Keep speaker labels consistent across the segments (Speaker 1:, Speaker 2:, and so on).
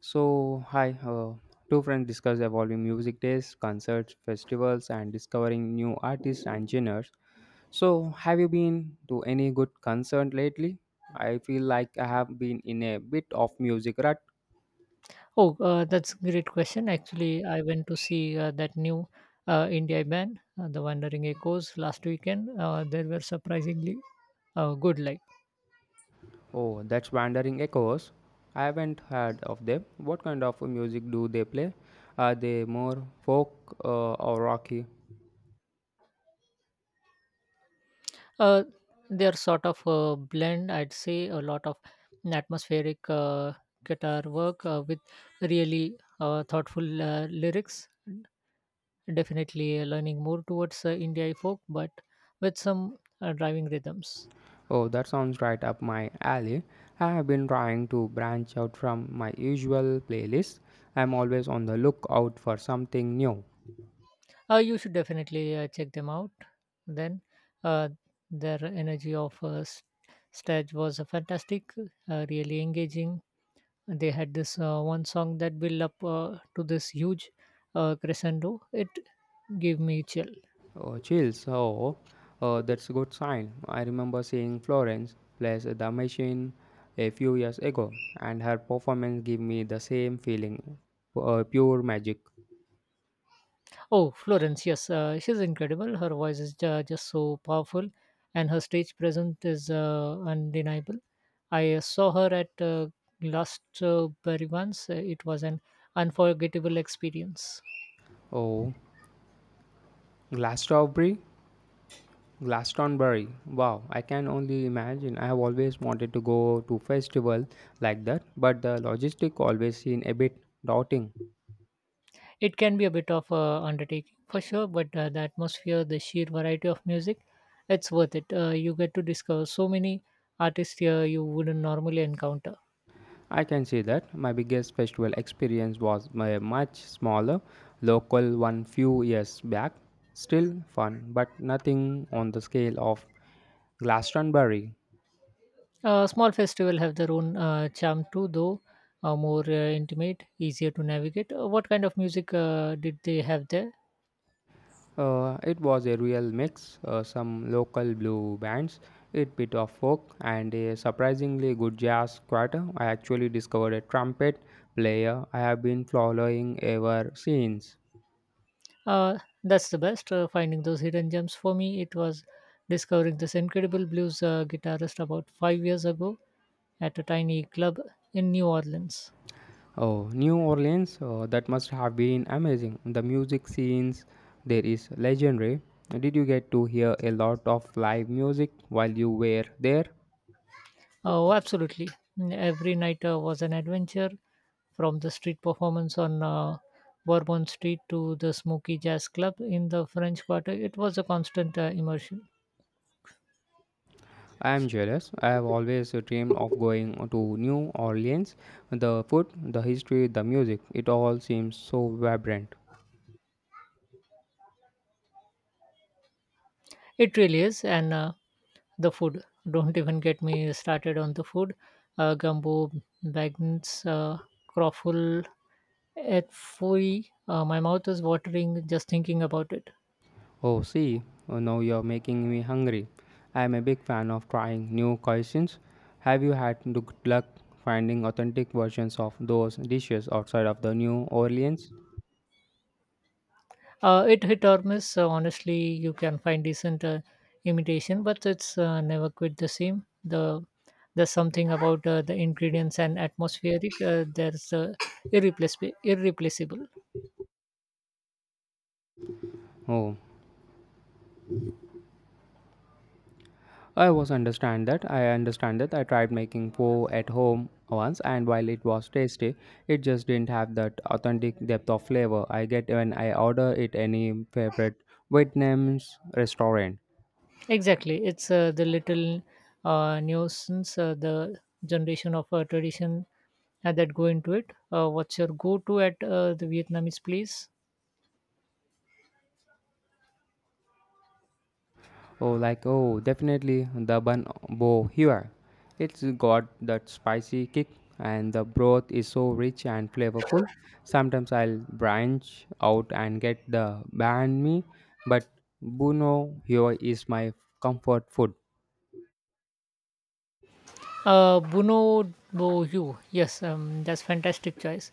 Speaker 1: So, hi, two friends discuss evolving music tastes, concerts, festivals, and discovering new artists and genres. So, have you been to any good concert lately? I feel like I have been in a bit of music rut.
Speaker 2: Oh, that's a great question. Actually, I went to see that new India band, The Wandering Echoes, last weekend. They were surprisingly good.
Speaker 1: Oh, that's Wandering Echoes. I haven't heard of them. What kind of music do they play? Are they more folk or rocky?
Speaker 2: Uh, they're sort of a blend, I'd say, a lot of atmospheric guitar work with really thoughtful lyrics. Definitely leaning more towards India folk, but with some driving rhythms.
Speaker 1: Oh, that sounds right up my alley. I have been trying to branch out from my usual playlist. I'm always on the lookout for something new.
Speaker 2: You should definitely check them out. Then, uh, their energy of stage was fantastic, really engaging. They had this one song that built up to this huge crescendo. It gave me chill.
Speaker 1: Oh, chills. Oh, that's a good sign. I remember seeing Florence plays the machine a few years ago, and her performance gave me the same feeling, pure magic.
Speaker 2: Oh, Florence, yes, she's incredible. Her voice is just so powerful, and her stage presence is undeniable. I saw her at last Berry once. It was an unforgettable experience.
Speaker 1: Oh, Glastonbury Glastonbury. Wow, I can only imagine. I have always wanted to go to festival like that, but the logistic always seem a bit daunting.
Speaker 2: It can be a bit of a undertaking for sure, but the atmosphere, the sheer variety of music, it's worth it. You get to discover so many artists here you wouldn't normally encounter.
Speaker 1: I can see that. My biggest festival experience was my much smaller local one few years back. Still fun, but nothing on the scale of Glastonbury.
Speaker 2: Small festival have their own charm too, though more intimate, easier to navigate. What kind of music did they have there?
Speaker 1: It was a real mix, some local blue bands, a bit of folk, and a surprisingly good jazz quartet. I actually discovered a trumpet player I have been following ever since.
Speaker 2: Uh, that's the best. Finding those hidden gems for me, it was discovering this incredible blues guitarist about 5 years ago at a tiny club in New Orleans.
Speaker 1: Oh, New Orleans, that must have been amazing. The music scenes there is legendary. Did you get to hear a lot of live music while you were there?
Speaker 2: Oh, absolutely. Mm, every night was an adventure from the street performance on Bourbon Street to the Smoky Jazz Club in the French Quarter. It was a constant immersion.
Speaker 1: I am jealous. I have always dreamed of going to New Orleans. The food, the history, the music, it all seems so vibrant.
Speaker 2: It really is. And the food. Don't even get me started on the food. Gumbo, bagons, croffle, et fouille. My mouth is watering just thinking about it.
Speaker 1: Oh, see, now you're making me hungry. I am a big fan of trying new cuisines. Have you had good luck finding authentic versions of those dishes outside of the New Orleans?
Speaker 2: It hit or miss. Honestly, you can find decent imitation, but it's never quite the same. The there's something about the ingredients and atmospheric. There's irreplaceable. Irreplaceable.
Speaker 1: Oh, I was understand that. I understand that. I tried making pho at home once, and while it was tasty, it just didn't have that authentic depth of flavor I get when I order it any favorite Vietnamese restaurant.
Speaker 2: Exactly. It's the little nuisance, the generation of a tradition that go into it. What's your go-to at the Vietnamese place?
Speaker 1: Oh, definitely the bun bo here. It's got that spicy kick, and the broth is so rich and flavorful. Sometimes I'll branch out and get the banh mi, but Buno here is my comfort food.
Speaker 2: Bruno Boyu. Yes, that's fantastic choice.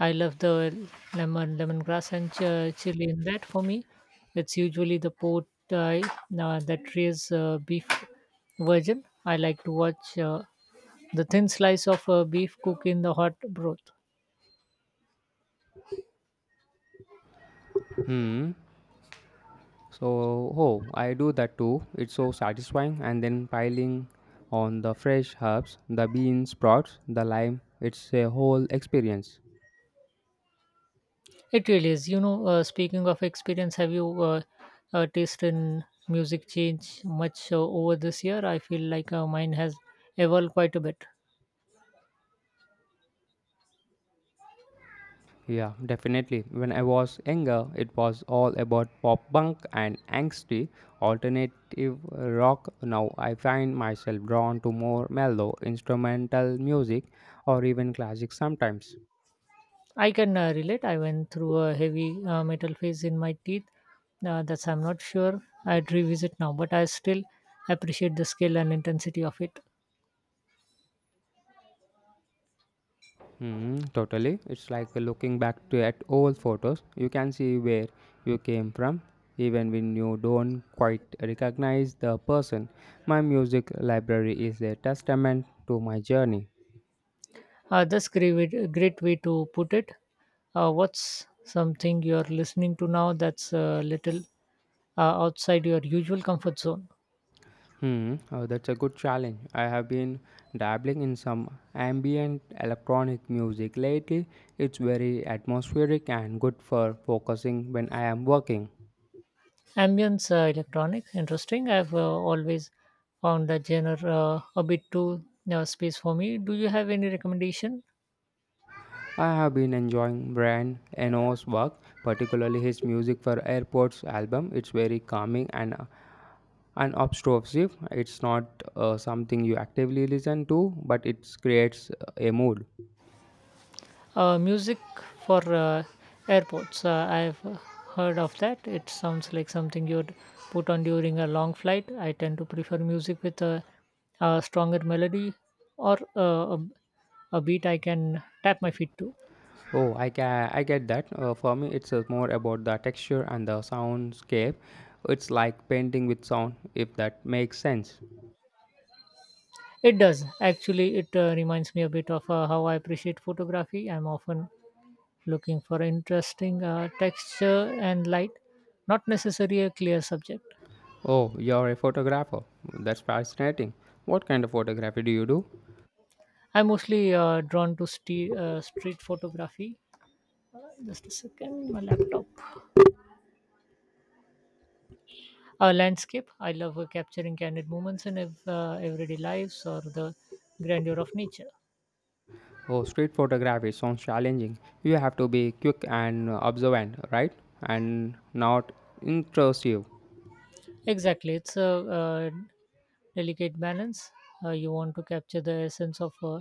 Speaker 2: I love the lemon, lemongrass, and chili in that. For me, it's usually the pot that raises beef version. I like to watch the thin slice of beef cook in the hot broth.
Speaker 1: Hmm. So, oh, I do that too. It's so satisfying. And then piling on the fresh herbs, the bean sprouts, the lime. It's a whole experience.
Speaker 2: It really is. You know, speaking of experience, have you taste in music change much over this year? I feel like mine has evolved quite a bit.
Speaker 1: Yeah, definitely. When I was younger, it was all about pop punk and angsty alternative rock. Now I find myself drawn to more mellow instrumental music or even classic sometimes.
Speaker 2: I can relate. I went through a heavy metal phase in my teeth. That's I'm not sure I'd revisit now, but I still appreciate the skill and intensity of it.
Speaker 1: Hmm, totally. It's like looking back to at old photos. You can see where you came from, even when you don't quite recognize the person. My music library is a testament to my journey.
Speaker 2: That's great, great way to put it. What's something you're listening to now that's a little outside your usual comfort zone?
Speaker 1: Hmm, oh, that's a good challenge. I have been dabbling in some ambient electronic music lately. It's very atmospheric and good for focusing when I am working.
Speaker 2: Ambience electronic, interesting. I've always found that genre a bit too space for me. Do you have any recommendation?
Speaker 1: I have been enjoying Brian Eno's work, particularly his music for Airports album. It's very calming and unobtrusive. It's not something you actively listen to, but it creates a mood.
Speaker 2: Music for airports. I've heard of that. It sounds like something you'd put on during a long flight. I tend to prefer music with a stronger melody or a beat I can tap my feet to.
Speaker 1: Oh, I get that. For me, it's more about the texture and the soundscape. It's like painting with sound, if that makes sense.
Speaker 2: It does. Actually, it reminds me a bit of how I appreciate photography. I'm often looking for interesting texture and light, not necessarily a clear subject.
Speaker 1: Oh, you're a photographer. That's fascinating. What kind of photography do you do?
Speaker 2: I'm mostly drawn to street photography. Just a second, my laptop. Landscape. I love capturing candid moments in everyday lives or the grandeur of nature.
Speaker 1: Oh, street photography sounds challenging. You have to be quick and observant, right? And not intrusive.
Speaker 2: Exactly, it's a delicate balance. You want to capture the essence of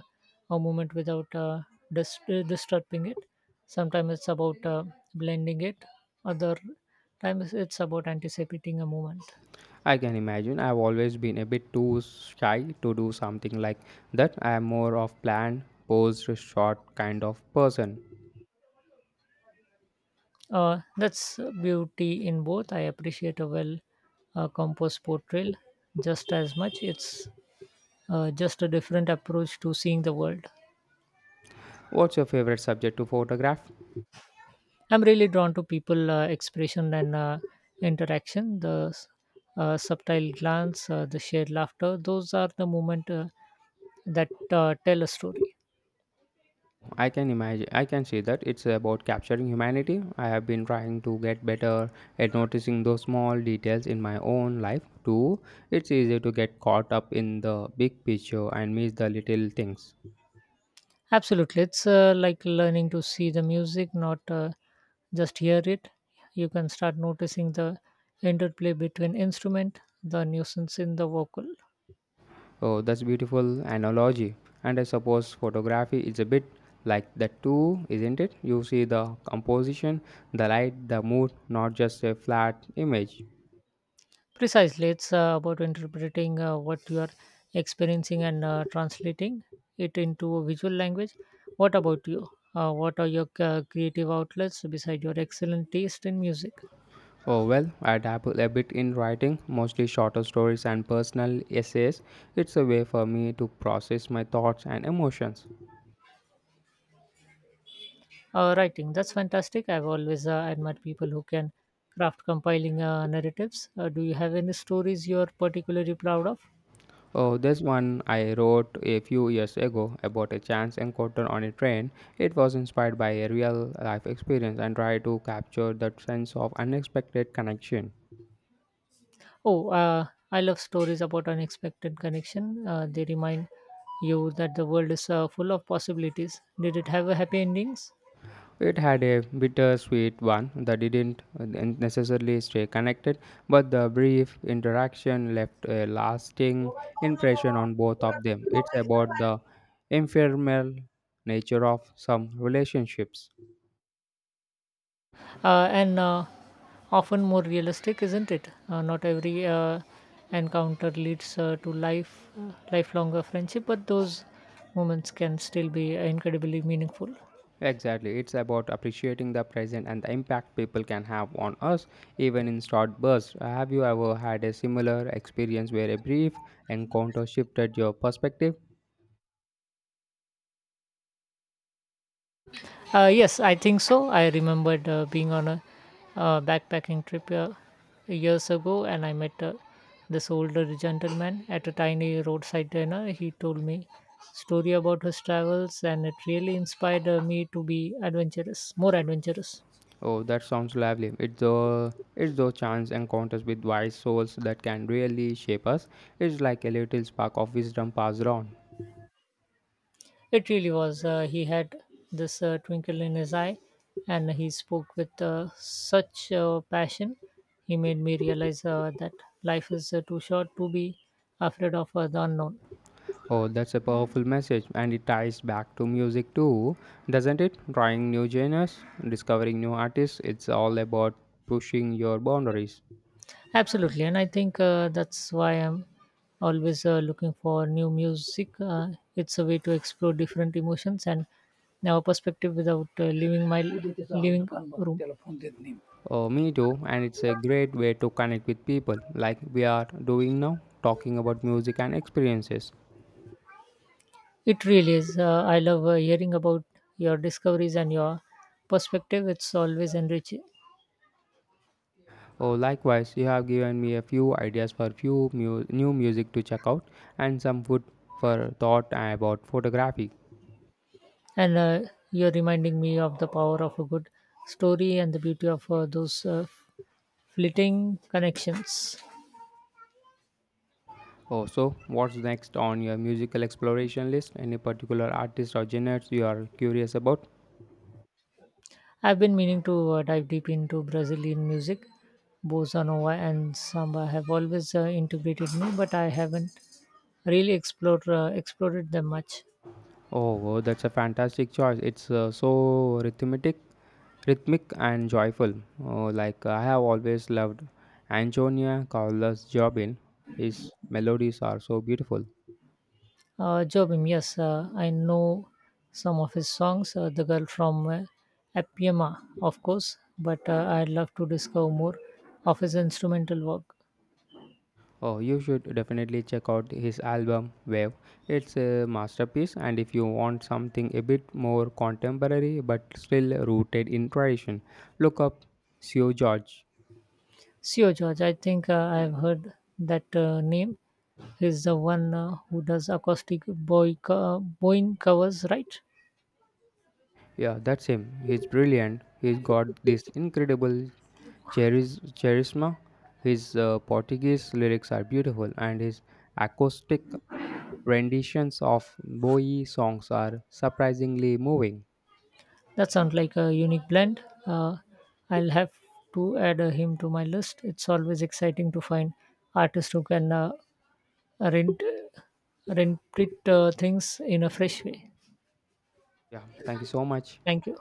Speaker 2: a moment without disturbing it. Sometimes it's about blending it. Other times it's about anticipating a moment.
Speaker 1: I can imagine. I've always been a bit too shy to do something like that. I am more of planned, posed, short kind of person.
Speaker 2: That's beauty in both. I appreciate a well composed portrayal just as much. It's just a different approach to seeing the world.
Speaker 1: What's your favorite subject to photograph?
Speaker 2: I'm really drawn to people expression and interaction, the subtle glance, the shared laughter. Those are the moment that tell a story.
Speaker 1: I can imagine, I can see that it's about capturing humanity. I have been trying to get better at noticing those small details in my own life too. It's easy to get caught up in the big picture and miss the little things.
Speaker 2: Absolutely, it's like learning to see the music, not just hear it. You can start noticing the interplay between instrument, the nuisance in the vocal.
Speaker 1: Oh, that's beautiful analogy. And I suppose photography is a bit like that too, isn't it? You see the composition, the light, the mood, not just a flat image.
Speaker 2: Precisely, it's about interpreting what you are experiencing and translating it into a visual language. What about you? What are your creative outlets beside your excellent taste in music?
Speaker 1: Oh, well, I dabble a bit in writing, mostly shorter stories and personal essays. It's a way for me to process my thoughts and emotions.
Speaker 2: Writing, that's fantastic. I've always admired people who can craft compiling narratives. Do you have any stories you're particularly proud of?
Speaker 1: Oh, this one I wrote a few years ago about a chance encounter on a train. It was inspired by a real life experience and tried to capture that sense of unexpected connection.
Speaker 2: Oh, I love stories about unexpected connection. They remind you that the world is full of possibilities. Did it have a happy endings?
Speaker 1: It had a bittersweet one that didn't necessarily stay connected, but the brief interaction left a lasting impression on both of them. It's about the ephemeral nature of some relationships.
Speaker 2: And often more realistic, isn't it? Not every encounter leads to life lifelong friendship, but those moments can still be incredibly meaningful.
Speaker 1: Exactly, it's about appreciating the present and the impact people can have on us, even in short bursts. Have you ever had a similar experience where a brief encounter shifted your perspective?
Speaker 2: Yes, I think so. I remembered being on a backpacking trip years ago, and I met this older gentleman at a tiny roadside dinner. He told me story about his travels, and it really inspired me to be adventurous, more adventurous.
Speaker 1: Oh, that sounds lovely. It's those chance encounters with wise souls that can really shape us. It's like a little spark of wisdom passed on.
Speaker 2: It really was. He had this twinkle in his eye, and he spoke with such passion. He made me realize that life is too short to be afraid of the unknown.
Speaker 1: Oh, that's a powerful message, and it ties back to music too, doesn't it? Trying new genres, discovering new artists. It's all about pushing your boundaries.
Speaker 2: Absolutely, and I think that's why I'm always looking for new music. It's a way to explore different emotions and our perspective without leaving my living room.
Speaker 1: Oh, me too, and it's a great way to connect with people, like we are doing now, talking about music and experiences.
Speaker 2: It really is. I love hearing about your discoveries and your perspective. It's always enriching,
Speaker 1: Oh, likewise, you have given me a few ideas for new music to check out and some food for thought about photography.
Speaker 2: and you're reminding me of the power of a good story and the beauty of those fleeting connections.
Speaker 1: Oh, so what's next on your musical exploration list? Any particular artists or genres you are curious about?
Speaker 2: I've been meaning to dive deep into Brazilian music. Bossa Nova and Samba have always integrated me, but I haven't really explored them much.
Speaker 1: Oh, that's a fantastic choice. It's so rhythmic, and joyful. Oh, I have always loved Antonia Carlos Jobim. His melodies are so beautiful.
Speaker 2: Jobim, yes, I know some of his songs. The girl from Appiama, of course, but I'd love to discover more of his instrumental work.
Speaker 1: Oh, you should definitely check out his album Wave. It's a masterpiece, and if you want something a bit more contemporary but still rooted in tradition, look up Seo George.
Speaker 2: Sio George, I think I've heard that name. He's the one who does acoustic Boeing covers, right?
Speaker 1: Yeah, that's him. He's brilliant. He's got this incredible charisma. His Portuguese lyrics are beautiful, and his acoustic renditions of Bowie songs are surprisingly moving.
Speaker 2: That sounds like a unique blend. Uh, I'll have to add him to my list. It's always exciting to find artists who can rent, rent things in a fresh way.
Speaker 1: Yeah, thank you so much.
Speaker 2: Thank you.